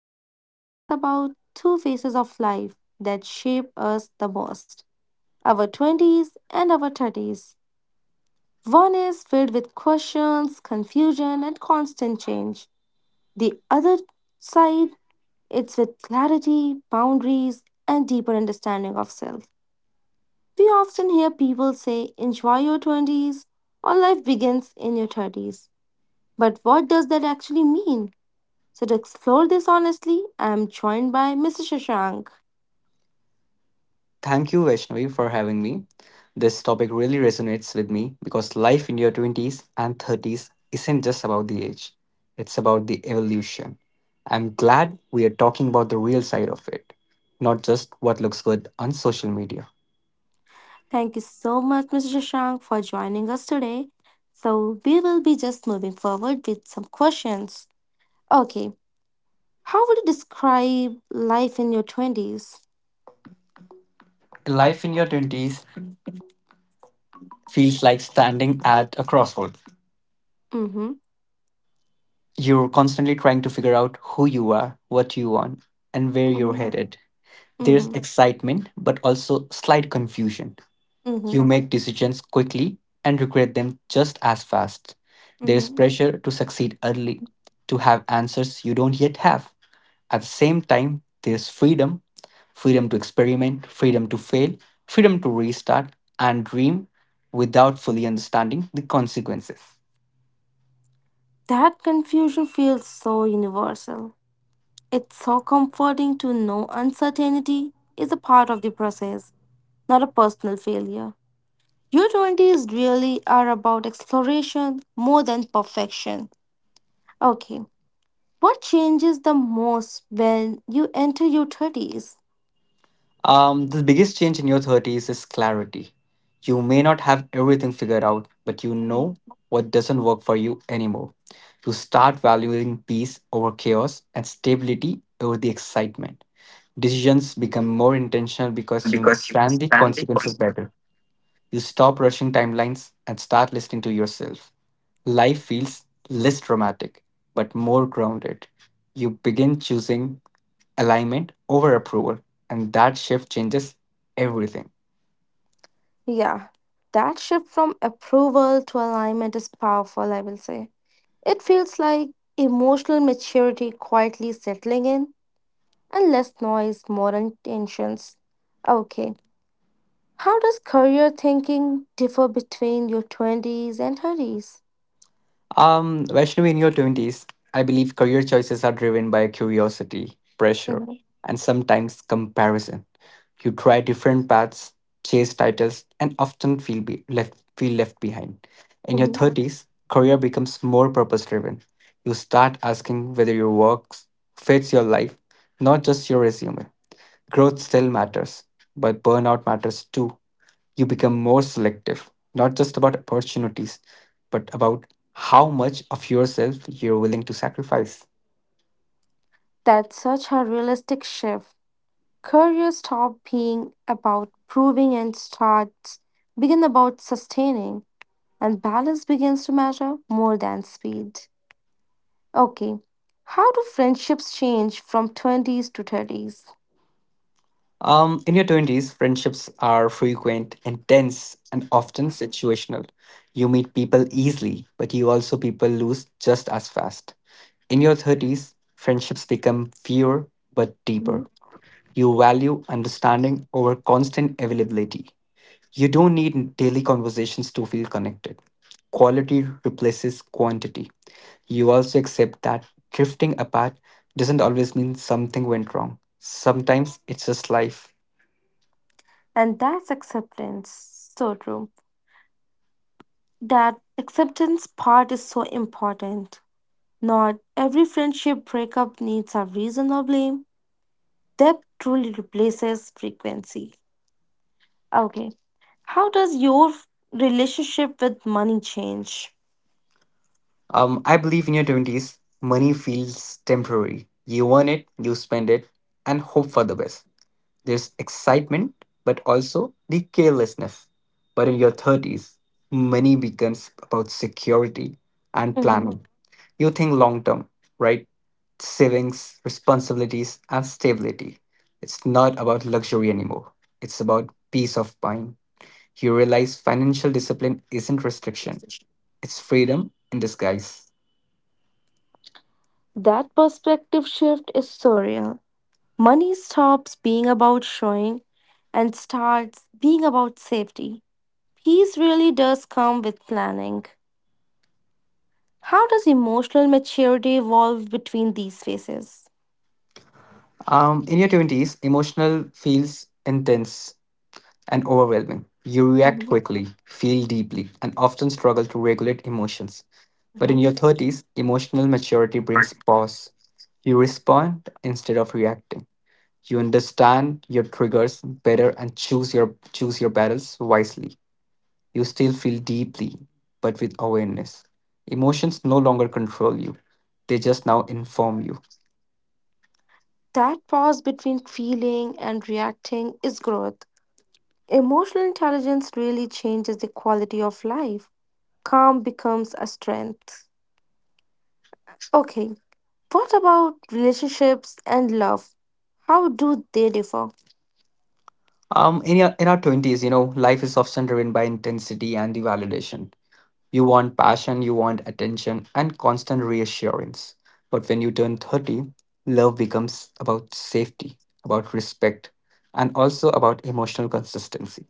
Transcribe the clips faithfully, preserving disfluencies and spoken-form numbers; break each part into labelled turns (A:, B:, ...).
A: conversation is about two phases of life that shape us the most our twenties and our thirties. One is filled with questions, confusion, and constant change. The other side, it's with clarity, boundaries, and deeper understanding of self. We often hear people say, enjoy your twenties or life begins in your thirties. But what does that actually mean? So, to explore this honestly, I am joined by mister Shashank.
B: Thank you, Vaishnavi, for having me. This topic really resonates with me because life in your twenties and thirties isn't just about the age, it's about the evolution. I'm glad we are talking about the real side of it, not just what looks good on social media.
A: Thank you so much, mister Shashank, for joining us today. So, we will be just moving forward with some questions. Okay, how would you describe life in your twenties?
B: Life in your twenties feels like standing at a crossroads.
A: Mm-hmm,
B: You're constantly trying to figure out who you are, what you want, and where you're
A: mm-hmm,
B: headed. There's
A: mm-hmm,
B: excitement, but also slight confusion.
A: mm-hmm,
B: You make decisions quickly and regret them just as fast. There's
A: mm-hmm.
B: pressure to succeed early, to have answers you don't yet have. At the same time, there's freedom freedom to experiment, freedom to fail, freedom to restart and dream without fully understanding the consequences.
A: That confusion feels so universal. It's so comforting to know uncertainty is a part of the process, not a personal failure. Your twenties really are about exploration more than perfection. Okay, what changes the most when you enter your thirties?
B: Um, the biggest change in your thirties is clarity. You may not have everything figured out, but you
A: Mhm.
B: know what doesn't work for you anymore. You start valuing peace over chaos and stability over the excitement. Decisions become more intentional because you understand the consequences better. You stop rushing timelines and start listening to yourself. Life feels less dramatic, but more grounded. You begin choosing alignment over approval, and that shift changes everything.
A: Yeah, that shift from approval to alignment is powerful, I will say. It feels like emotional maturity quietly settling in and less noise, more intentions. Okay, how does career thinking differ between your twenties and thirties?
B: Um, Vaishnavi, in your twenties, I believe career choices are driven by curiosity, pressure,
A: Mhm.
B: and sometimes comparison. You try different paths, chase titles, and often feel be- left feel left behind. In your thirties, career becomes more purpose driven. You start asking whether your work fits your life, not just your resume. Growth still matters, but burnout matters too. You become more selective, not just about opportunities, but about how much of yourself you're willing to sacrifice.
A: That's such a realistic shift. Careers stop being about proving and starts begin about sustaining, and balance begins to matter more than speed. Okay, how do friendships change from twenties to thirties?
B: Um, in your twenties, friendships are frequent, intense, and often situational. You meet people easily, but you also people lose just as fast. In your thirties, friendships become fewer but
A: Mhm.
B: deeper. You value understanding over constant availability. You don't need daily conversations to feel connected. Quality replaces quantity. You also accept that drifting apart doesn't always mean something went wrong. Sometimes it's just life.
A: And that's acceptance. So true. That acceptance part is so important. Not every friendship breakup needs a reason or blame. Depth truly replaces frequency. Okay. How does your f- relationship with money change?
B: Um, I believe in your twenties, money feels temporary. You earn it, you spend it, and hope for the best. There's excitement, but also the carelessness. But in your thirties, money becomes about security and
A: Mhm.
B: planning. You think long term, right? Savings, responsibilities, and stability. It's not about luxury anymore, it's about peace of mind. You realize financial discipline isn't restriction, it's freedom in disguise.
A: That perspective shift is surreal. Money stops being about showing and starts being about safety. Peace really does come with planning. How does emotional maturity evolve between these phases?
B: Um, in your twenties, emotional feels intense and overwhelming. You react
A: Mhm.
B: quickly, feel deeply, and often struggle to regulate emotions. But in
A: Mhm.
B: your thirties, emotional maturity brings pause. You respond instead of reacting. You understand your triggers better and choose your choose your battles wisely. You still feel deeply, but with awareness. Emotions no longer control you. They just now inform you.
A: That pause between feeling and reacting is growth. Emotional intelligence really changes the quality of life. Calm becomes a strength. Okay, what about relationships and love? How do they differ?
B: Um, in, your, in our twenties, you know, life is often driven by intensity and the validation. You want passion, you want attention, and constant reassurance. But when you turn thirty, love becomes about safety, about respect, and also about emotional consistency.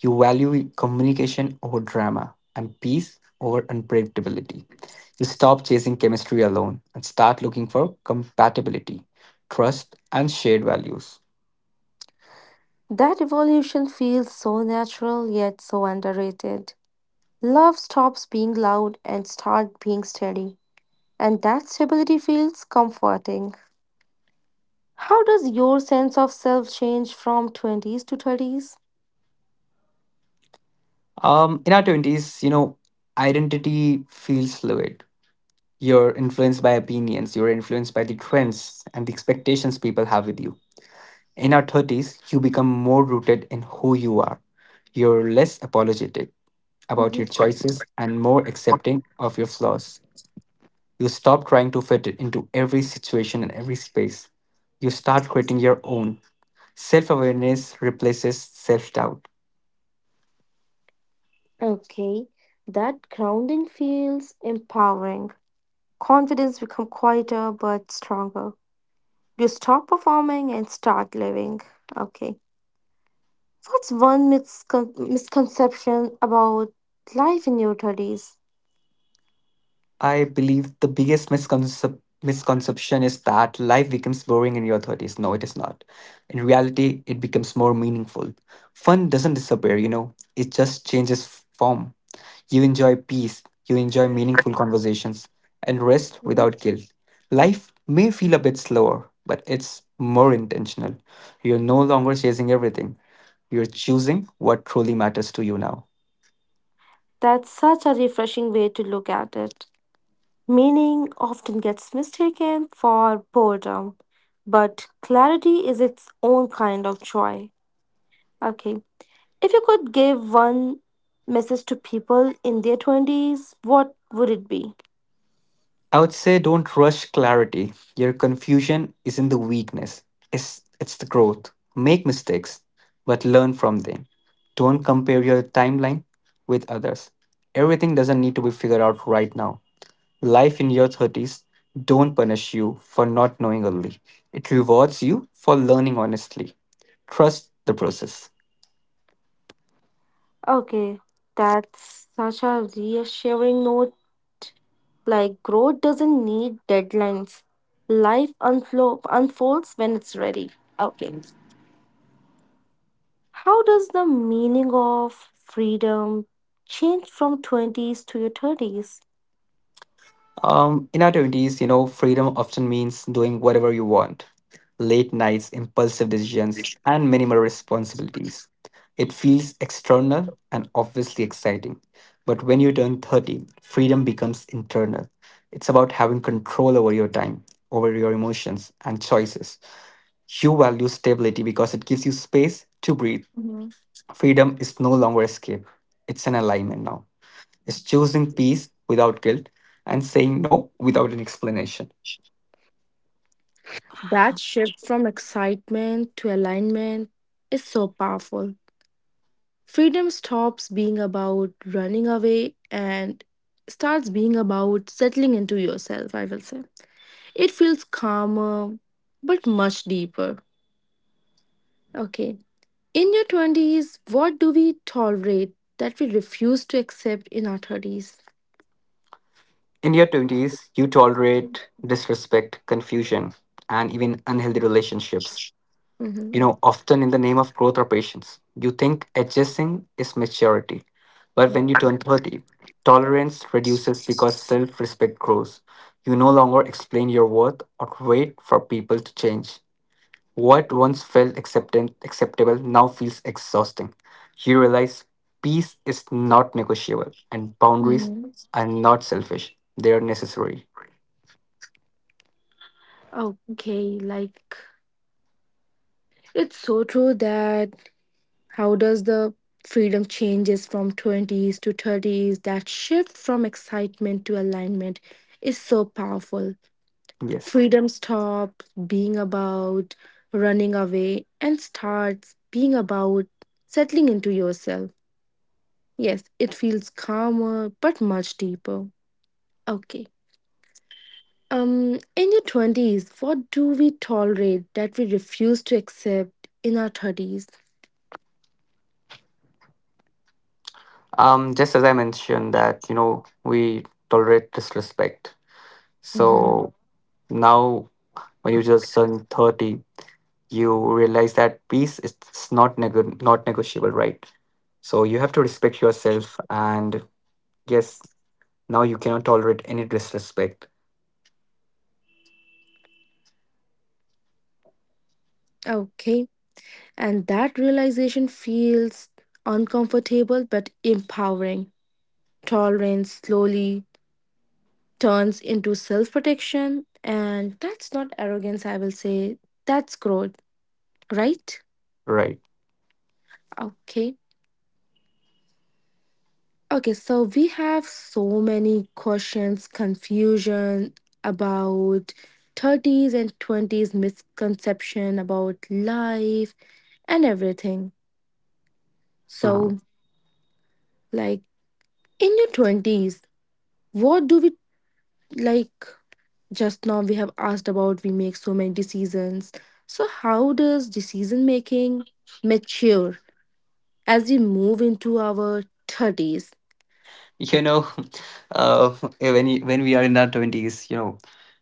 B: You value communication over drama and peace over unpredictability. You stop chasing chemistry alone and start looking for compatibility, trust, and shared values.
A: That evolution feels so natural yet so underrated. Love stops being loud and start being steady, and that stability feels comforting. How does your sense of self change from twenties to thirties?
B: Um, in our twenties, you know, identity feels fluid. You're influenced by opinions, you're influenced by the trends and the expectations people have with you. In our thirties, you become more rooted in who you are. You're less apologetic about
A: Mhm.
B: your choices and more accepting of your flaws. You stop trying to fit it into every situation and every space. You start creating your own. Self awareness replaces self doubt.
A: Okay, that grounding feels empowering. Confidence become quieter but stronger. You stop performing and start living. Okay. What's one miscon- misconception about life in your thirties?
B: I believe the biggest misconcep- misconception is that life becomes boring in your thirties. No, it is not. In reality, it becomes more meaningful. Fun doesn't disappear, you know, it just changes f- form. You enjoy peace, you enjoy meaningful conversations, and rest
A: Mhm.
B: without guilt. Life may feel a bit slower, but it's more intentional. You're no longer chasing everything, you're choosing what truly matters to you now.
A: That's such a refreshing way to look at it. Meaning often gets mistaken for boredom, but clarity is its own kind of joy. Okay, if you could give one message to people in their twenties, what would it be?
B: I would say don't rush clarity. Your confusion isn't the weakness, it's, it's the growth. Make mistakes, but learn from them. Don't compare your timeline with others. Everything doesn't need to be figured out right now. Life in your thirties don't punish you for not knowing early, it rewards you for learning honestly. Trust the process.
A: Okay, that's such a reassuring note. Like growth doesn't need deadlines. Life unflo- unfolds when it's ready. Okay. How does the meaning of freedom change from twenties to your thirties?
B: Um, in our twenties, you know, freedom often means doing whatever you want: late nights, impulsive decisions, and minimal responsibilities. It feels external and obviously exciting. But when you turn thirty, freedom becomes internal. It's about having control over your time, over your emotions, and choices. You value stability because it gives you space to breathe.
A: Mhm.
B: Freedom is no longer escape, it's an alignment now, is choosing peace without guilt and saying no without an explanation.
A: That shift from excitement to alignment is so powerful. Freedom stops being about running away and starts being about settling into yourself, I will say. It feels calmer, but much deeper. Okay. In your twenties, what do we tolerate that we refuse to accept in our thirties?
B: In your twenties, you tolerate disrespect, confusion, and even unhealthy relationships,
A: Mhm.
B: you know, often in the name of growth or patience. You think adjusting is maturity. But when you turn thirty, tolerance reduces because self respect grows. You no longer explain your worth or wait for people to change. What once felt acceptan- acceptable now feels exhausting. You realize peace is not negotiable and boundaries
A: Mhm.
B: are not selfish, they are necessary.
A: Okay, like it's so true that how does the freedom changes from twenties to thirties? That shift from excitement to alignment is so powerful.
B: Yes.
A: Freedom stops being about running away and starts being about settling into yourself. Yes, it feels calmer but much deeper. Okay. Um, in your twenties, what do we tolerate that we refuse to accept in our thirties?
B: Um, just as I mentioned that, you know, we tolerate disrespect.
A: Mm-hmm.
B: So now when you just turn thirty, you realize that peace is is not nego not negotiable, right? So you have to respect yourself and yes, now you cannot tolerate any disrespect,
A: Okay. And that realization feels uncomfortable but empowering. Tolerance slowly turns into self protection, and that's not arrogance, I will say. That's growth, right?
B: right?
A: Okay. Okay, so we have so many questions, confusion about thirties and twenties misconception about life and everything.
B: Mhm.
A: So, like in your twenties, what do we like just now we have asked about we make so many decisions. So, how does decision making mature as we move into our thirties?
B: you know uh, eh, when you, when we are in our twenties, you know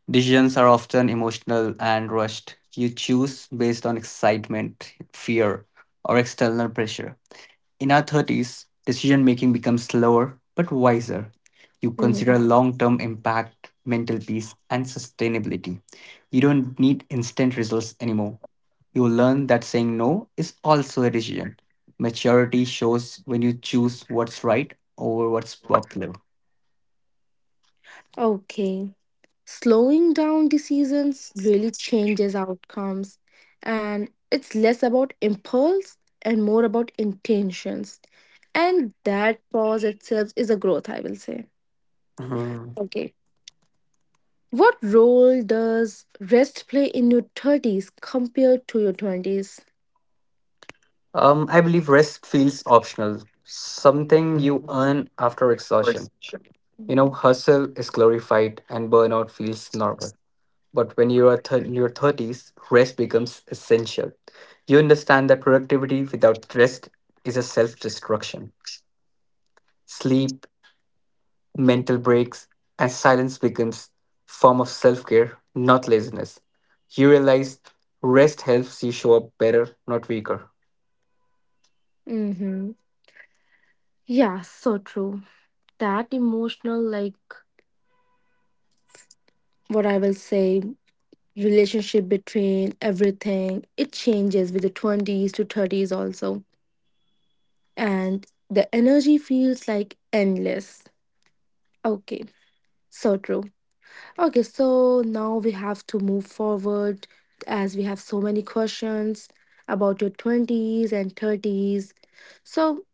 B: decisions are often emotional and rushed. You choose based on excitement, fear, or external pressure. In our thirties, decision making becomes slower but wiser. You
A: Mhm.
B: consider long term impact, mental peace, and sustainability. You don't need instant results anymore. You learn that saying no is also a decision. Maturity shows when you choose what's right over what's popular.
A: Okay. Slowing down decisions really changes outcomes, and it's less about impulse and more about intentions, and that pause itself is a growth, I will say.
B: Mhm.
A: Okay, what role does rest play in your thirties compared to your twenties?
B: Um, I believe rest feels optional, something you earn after exhaustion. You know, hustle is glorified and burnout feels normal. But when you are th- in your thirties, rest becomes essential. You understand that productivity without rest is a self destruction. Sleep, mental breaks, and silence becomes form of self care, not laziness. You realize rest helps you show up better, not weaker.
A: Mm-hmm. Yeah, so true. That emotional, like what I will say, relationship between everything, it changes with the twenties to thirties also. And the energy feels like endless. Okay, so true. Okay, so now we have to move forward as we have so many questions about your twenties and thirties. So,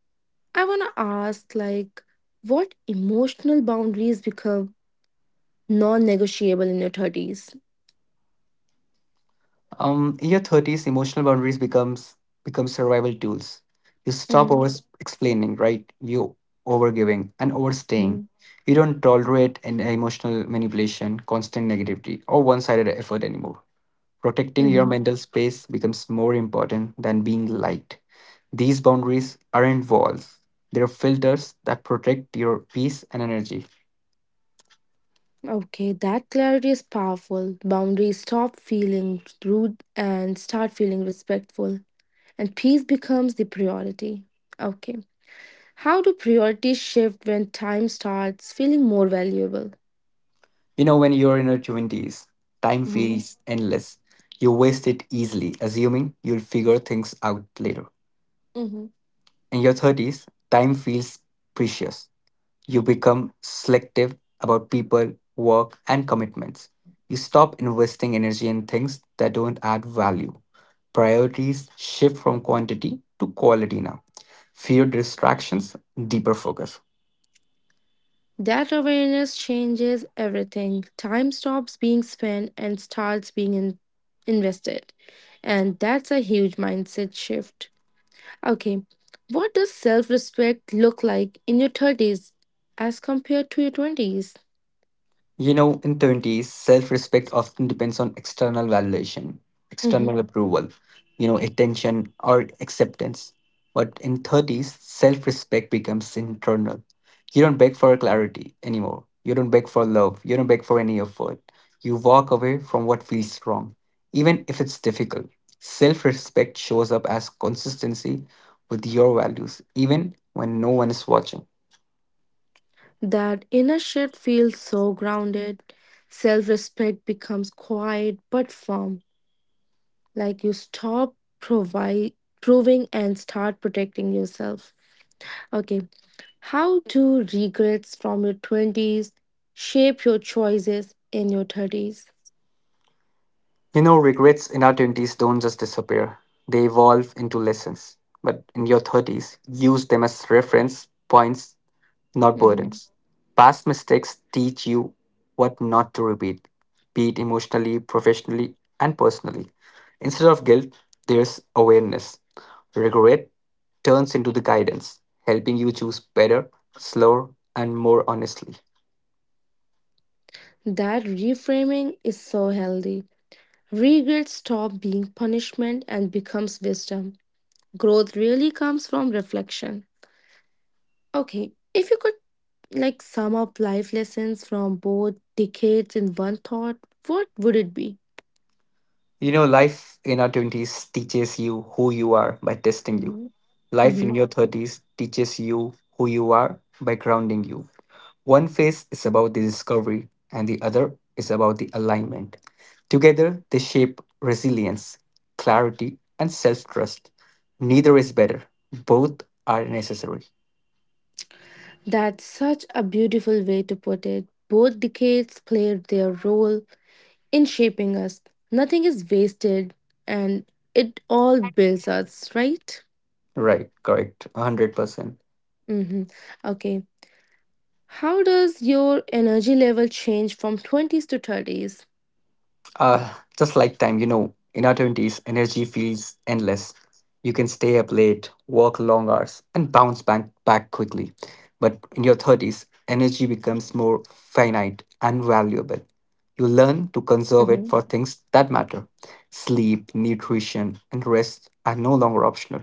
A: I want to ask like what emotional boundaries become non-negotiable in your thirties?
B: Um, in your thirties, emotional boundaries becomes become survival tools. You stop
A: Mm-hmm.
B: over explaining, right? You over giving and
A: Mm-hmm.
B: overstaying. You don't tolerate an emotional manipulation, constant negativity, or one-sided effort anymore. Protecting your
A: Mm-hmm.
B: mental space becomes more important than being liked. These boundaries aren't walls. They're filters that protect your peace and energy.
A: Okay, that clarity is powerful. Boundaries stop feeling rude and start feeling respectful. And peace becomes the priority. Okay. How do priorities shift when time starts feeling more valuable?
B: You know, when you're in your twenties, time
A: Hmm.
B: feels endless. You waste it easily, assuming you'll figure things out later.
A: Mhm.
B: In your thirties, time feels precious. You become selective about people, work, and commitments. You stop investing energy in things that don't add value. Priorities shift from quantity to quality now. Fewer distractions, deeper focus.
A: That awareness changes everything. Time stops being spent and starts being in- invested. And that's a huge mindset shift. Okay, what does self respect look like in your thirties as compared to your twenties?
B: You know, in twenties, self respect often depends on external validation, external approval, you know, attention or acceptance. But in thirties, self respect becomes internal. You don't beg for clarity anymore. You don't beg for love. You don't beg for any effort. You walk away from what feels wrong, even if it's difficult. Self respect shows up as consistency with your values, even when no one is watching.
A: That inner shift feels so grounded. Self respect becomes quiet but firm, like you stop provi- proving and start protecting yourself. Okay, how do regrets from your twenties shape your choices in your thirties?
B: You know, regrets in our twenties don't just disappear, they evolve into lessons. But in your thirties, use them as reference points, not
A: Mhm.
B: burdens. Past mistakes teach you what not to repeat, be it emotionally, professionally, and personally. Instead of guilt, there's awareness. Regret turns into the guidance, helping you choose better, slower, and more honestly.
A: That reframing is so healthy. Regrets stop being punishment and becomes wisdom. Growth really comes from reflection. Okay, if you could like sum up life lessons from both decades in one thought, what would it be?
B: You know, life in our twenties teaches you who you are by testing you.
A: Hmm.
B: Life in
A: Hmm.
B: your thirties teaches you who you are by grounding you. One phase is about the discovery, and the other is about the alignment. Together, they shape resilience, clarity, and self trust. Neither is better, both are necessary.
A: That's such a beautiful way to put it. Both decades played their role in shaping us. Nothing is wasted and it all builds us, right?
B: Right, correct, one hundred percent.
A: Hmm. Okay. How does your energy level change from twenties to thirties?
B: Uh, just like time, you know, in our twenties, energy feels endless. You can stay up late, work long hours, and bounce back, back quickly. But in your thirties, energy becomes more finite and valuable. You learn to conserve it for things that matter. Sleep, nutrition, and rest are no longer optional.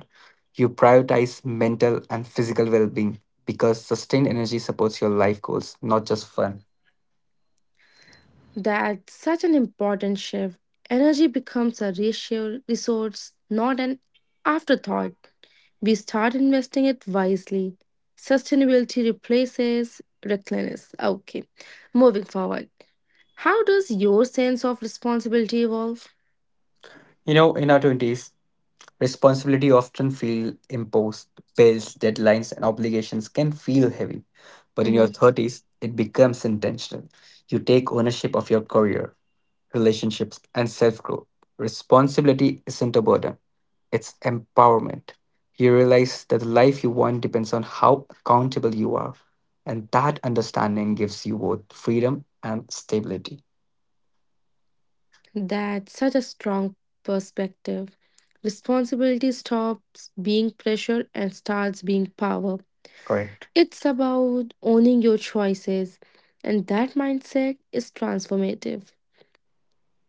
B: You prioritize mental and physical well being because sustained energy supports your life goals, not just fun.
A: That's such an important shift. Energy becomes a ratio resource, not an afterthought. We start investing it wisely. Sustainability replaces recklessness. Okay, moving forward. How does your sense of responsibility evolve?
B: You know, in our twenties, responsibility often feel imposed. Bills, deadlines, and obligations can feel heavy. But in your
A: Mhm.
B: thirties, it becomes intentional. You take ownership of your career, relationships, and self growth. Responsibility isn't a burden, it's empowerment. You realize that the life you want depends on how accountable you are. And that understanding gives you both freedom and stability.
A: That's such a strong perspective. Responsibility stops being pressure and starts being power.
B: Correct.
A: It's about owning your choices, and that mindset is transformative.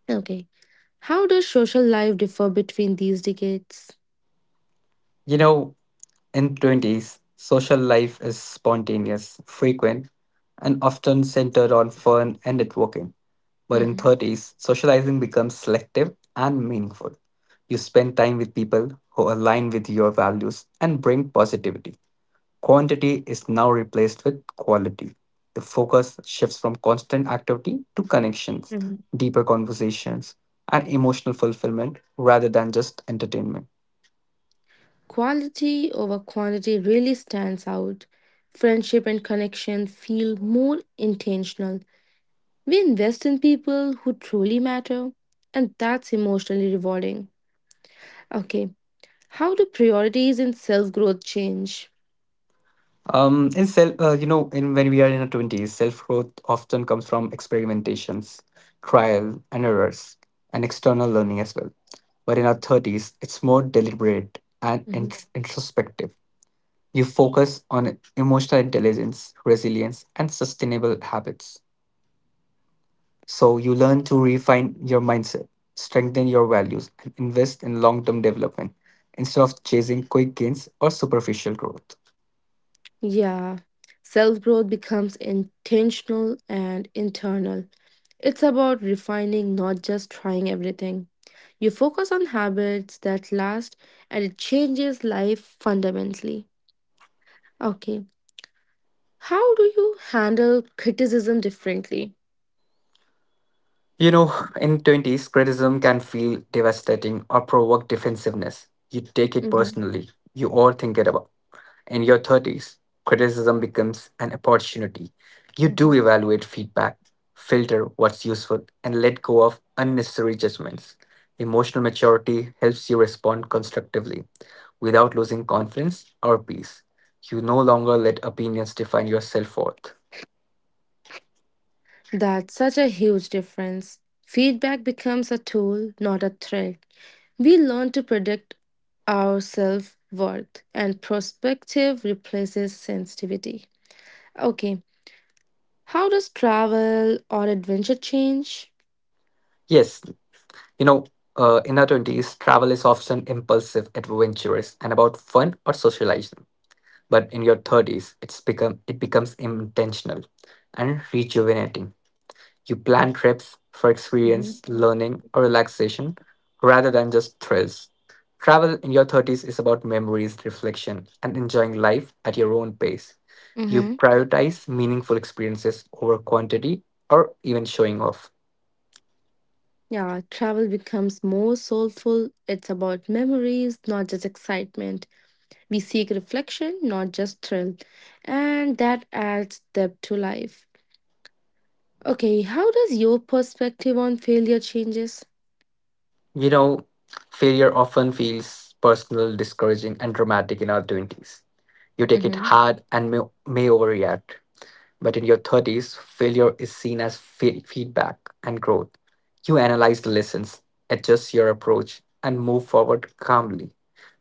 A: Okay, how does social life differ between these decades?
B: You know, In twenties, social life is spontaneous, frequent, and often centered on fun and networking. But in
A: Mhm.
B: thirties, socializing becomes selective and meaningful. You spend time with people who align with your values and bring positivity. Quantity is now replaced with quality. The focus shifts from constant activity to connections,
A: Mhm.
B: deeper conversations, and emotional fulfillment rather than just entertainment.
A: Quality over quantity really stands out. Friendship and connection feel more intentional. We invest in people who truly matter, and that's emotionally rewarding. Okay, how do priorities in self growth change?
B: Um, in self, uh, you know, in when we are in our twenties, self growth often comes from experimentations, trial and errors, and external learning as well. But in our thirties, it's more deliberate and in-
A: Mhm.
B: introspective. You focus on emotional intelligence, resilience, and sustainable habits. So you learn to refine your mindset, strengthen your values, and invest in long-term development instead of chasing quick gains or superficial growth.
A: Yeah, self growth becomes intentional and internal. It's about refining, not just trying everything. You focus on habits that last and it changes life fundamentally. Okay, how do you handle criticism differently?
B: You know, in twenties, criticism can feel devastating or provoke defensiveness. You take it
A: Mm-hmm.
B: personally, you overthink it about. In your thirties, criticism becomes an opportunity. You do
A: Mm-hmm.
B: evaluate feedback, filter what's useful, and let go of unnecessary judgments. Emotional maturity helps you respond constructively without losing confidence or peace. You no longer let opinions define your self worth.
A: That's such a huge difference. Feedback becomes a tool, not a threat. We learn to predict our self worth, and perspective replaces sensitivity. Okay, how does travel or adventure change?
B: Yes. You know, uh, in our twenties, travel is often impulsive, adventurous, and about fun or socializing. But in your thirties, it's become it becomes intentional and rejuvenating. You plan trips for
A: Mhm.
B: experience, learning, or relaxation rather than just thrills. Travel in your thirties is about memories, reflection, and enjoying life at your own pace. You
A: Mm-hmm.
B: prioritize meaningful experiences over quantity or even showing off.
A: Yeah, travel becomes more soulful. It's about memories, not just excitement. We seek reflection, not just thrill. And that adds depth to life. Okay, how does your perspective on failure changes?
B: You know, failure often feels personal, discouraging, and dramatic in our twenties. You take it
A: Mhm.
B: hard and may, may overreact. But in your thirties, failure is seen as fe- feedback and growth. You analyze the lessons, adjust your approach, and move forward calmly.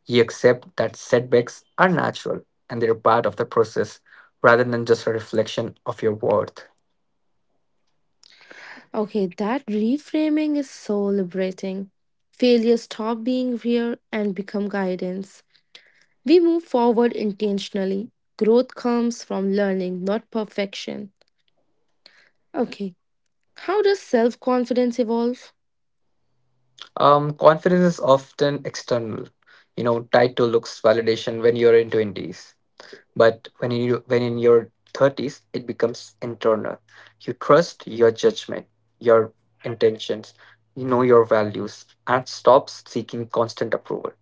B: You accept that setbacks are natural and they're part of the process rather than just a reflection of your worth.
A: Okay, that reframing is so liberating. Failure stop being fear and become guidance. We move forward intentionally. Growth comes from learning, not perfection. Okay, how does self-confidence evolve?
B: Um, confidence is often external, you know, tied to looks validation when you're in twenties. But when you when in your thirties, it becomes internal. You trust your judgment, your intentions, you know your values, and stops seeking constant approval.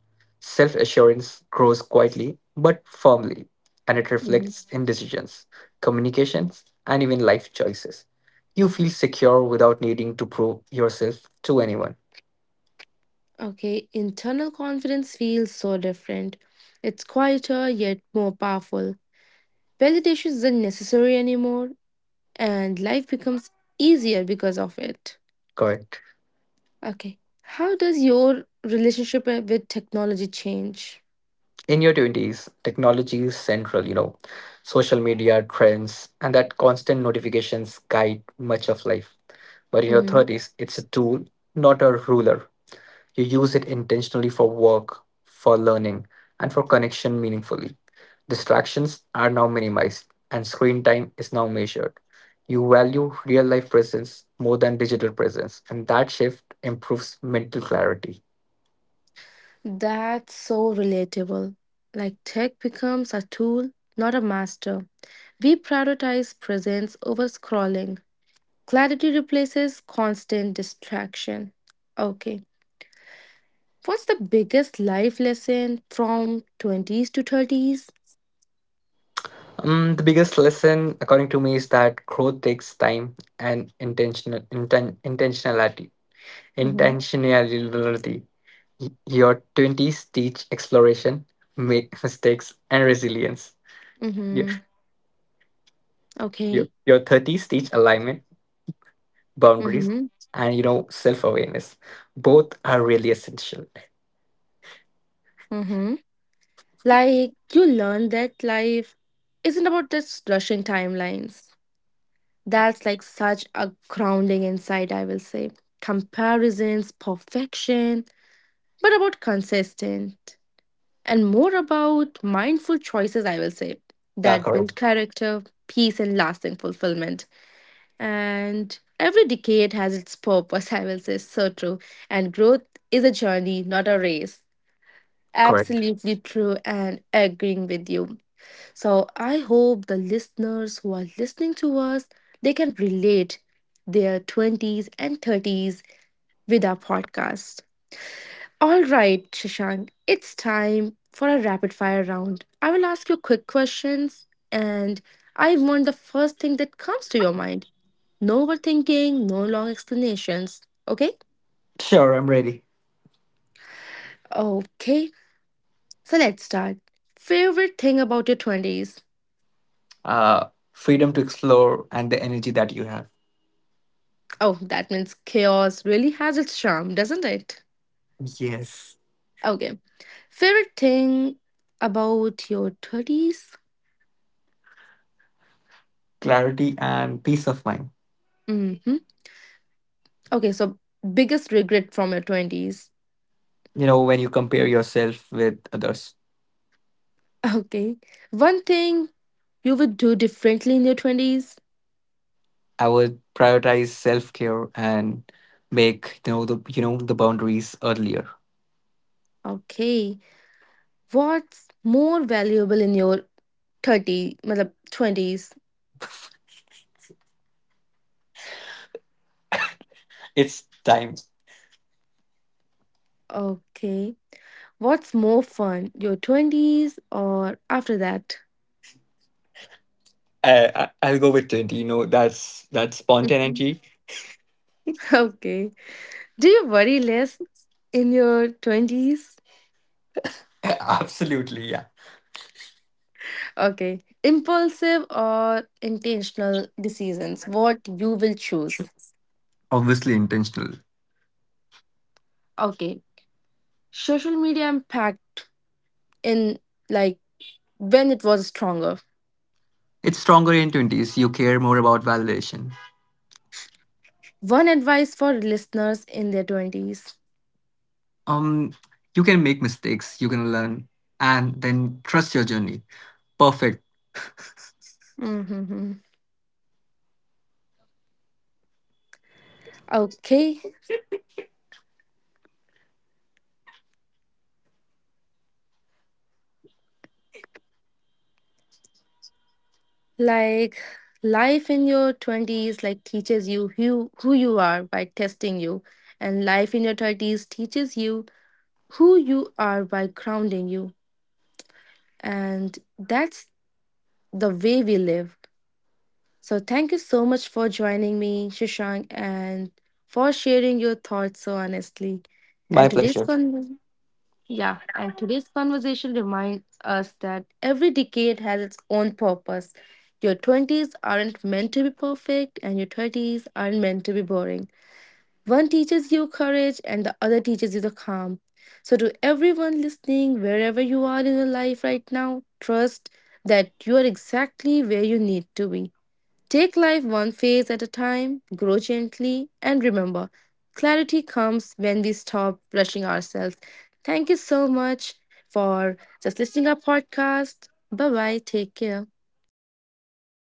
B: Self assurance grows quietly but firmly, and it
A: Mhm.
B: reflects in decisions, communications, and even life choices. You feel secure without needing to prove yourself to anyone.
A: Okay, internal confidence feels so different. It's quieter yet more powerful. Validation isn't necessary anymore, and life becomes easier because of it.
B: Correct.
A: Okay, how does your relationship uh, with technology change?
B: In your twenties, technology is central, you know. Social media, trends, and that constant notifications guide much of life. But in your
A: Mhm.
B: thirties, it's a tool, not a ruler. You use it intentionally for work, for learning, and for connection meaningfully. Distractions are now minimized, and screen time is now measured. You value real life presence more than digital presence, and that shift improves mental clarity.
A: That's so relatable. Like tech becomes a tool, not a master. We prioritize presence over scrolling. Clarity replaces constant distraction. Okay. What's the biggest life lesson from twenties to thirties?
B: Um, the biggest lesson, according to me, is that growth takes time and intentional inten- intentionality.
A: Mm-hmm.
B: Intentionality. Y- Your twenties teach exploration, make mistakes, and resilience. Your
A: Mm-hmm.
B: your
A: Okay.
B: your thirties teach alignment, boundaries,
A: Mm-hmm.
B: and you know self awareness. Both are really essential.
A: Mm-hmm. Like you learn that life isn't about just rushing timelines. That's like such a grounding insight, I will say. Comparisons, perfection, but about consistent and more about mindful choices, I will say,
B: Yeah,
A: that build
B: correct.
A: character, peace, and lasting fulfillment. And every decade has its purpose, I will say. So true. And growth is a journey, not a race.
B: Correct.
A: Absolutely true, and agreeing with you. So I hope the listeners who are listening to us, they can relate their twenties and thirties with our podcast. All right, Shashank, it's time for a rapid fire round. I will ask you quick questions and I want the first thing that comes to your mind. No overthinking, no long explanations. Okay?
B: Sure, I'm ready.
A: Okay, so let's start. Favorite thing about your twenties?
B: Uh, freedom to explore and the energy that you have.
A: Oh, that means chaos really has its charm, doesn't it?
B: Yes,
A: Okay. Favorite thing about your thirties?
B: clarity and peace of mind.
A: Mm-hmm. Okay, so biggest regret from your twenties.
B: You know, when you compare yourself with others.
A: Okay. One thing you would do differently in your twenties?
B: I would prioritize self-care and make, you know, the, you know, the boundaries earlier.
A: Okay. What's more valuable in your thirty, मतलब twenties?
B: It's time.
A: Okay. What's more fun, your twenties or after that?
B: I, I, I'll go with twenties, you know, that's that's spontaneity.
A: Okay. Do you worry less in your twenties?
B: Absolutely, yeah.
A: Okay. Impulsive or intentional decisions, what you will choose.
B: Obviously intentional.
A: Okay. Social media impact in, like, when it was stronger.
B: It's stronger in twenties, you care more about validation.
A: One advice for listeners in their twenties.
B: um you can make mistakes, you can learn, and then trust your journey. Perfect.
A: Mm-hmm. Okay. Like life in your twenties like teaches you who, who you are by testing you, and life in your thirties teaches you who you are by grounding you, and that's the way we live. So thank you so much for joining me, Shashank, and for sharing your thoughts so honestly.
B: My
A: And today's
B: pleasure.
A: con yeah, and today's conversation reminds us that every decade has its own purpose. Your twenties aren't meant to be perfect, and your thirties aren't meant to be boring. One teaches you courage, and the other teaches you the calm. So, to everyone listening, wherever you are in your life right now, trust that you are exactly where you need to be. Take life one phase at a time, grow gently, and remember, clarity comes when we stop rushing ourselves. Thank you so much for just listening our podcast. Bye bye. Take care.
B: But I would like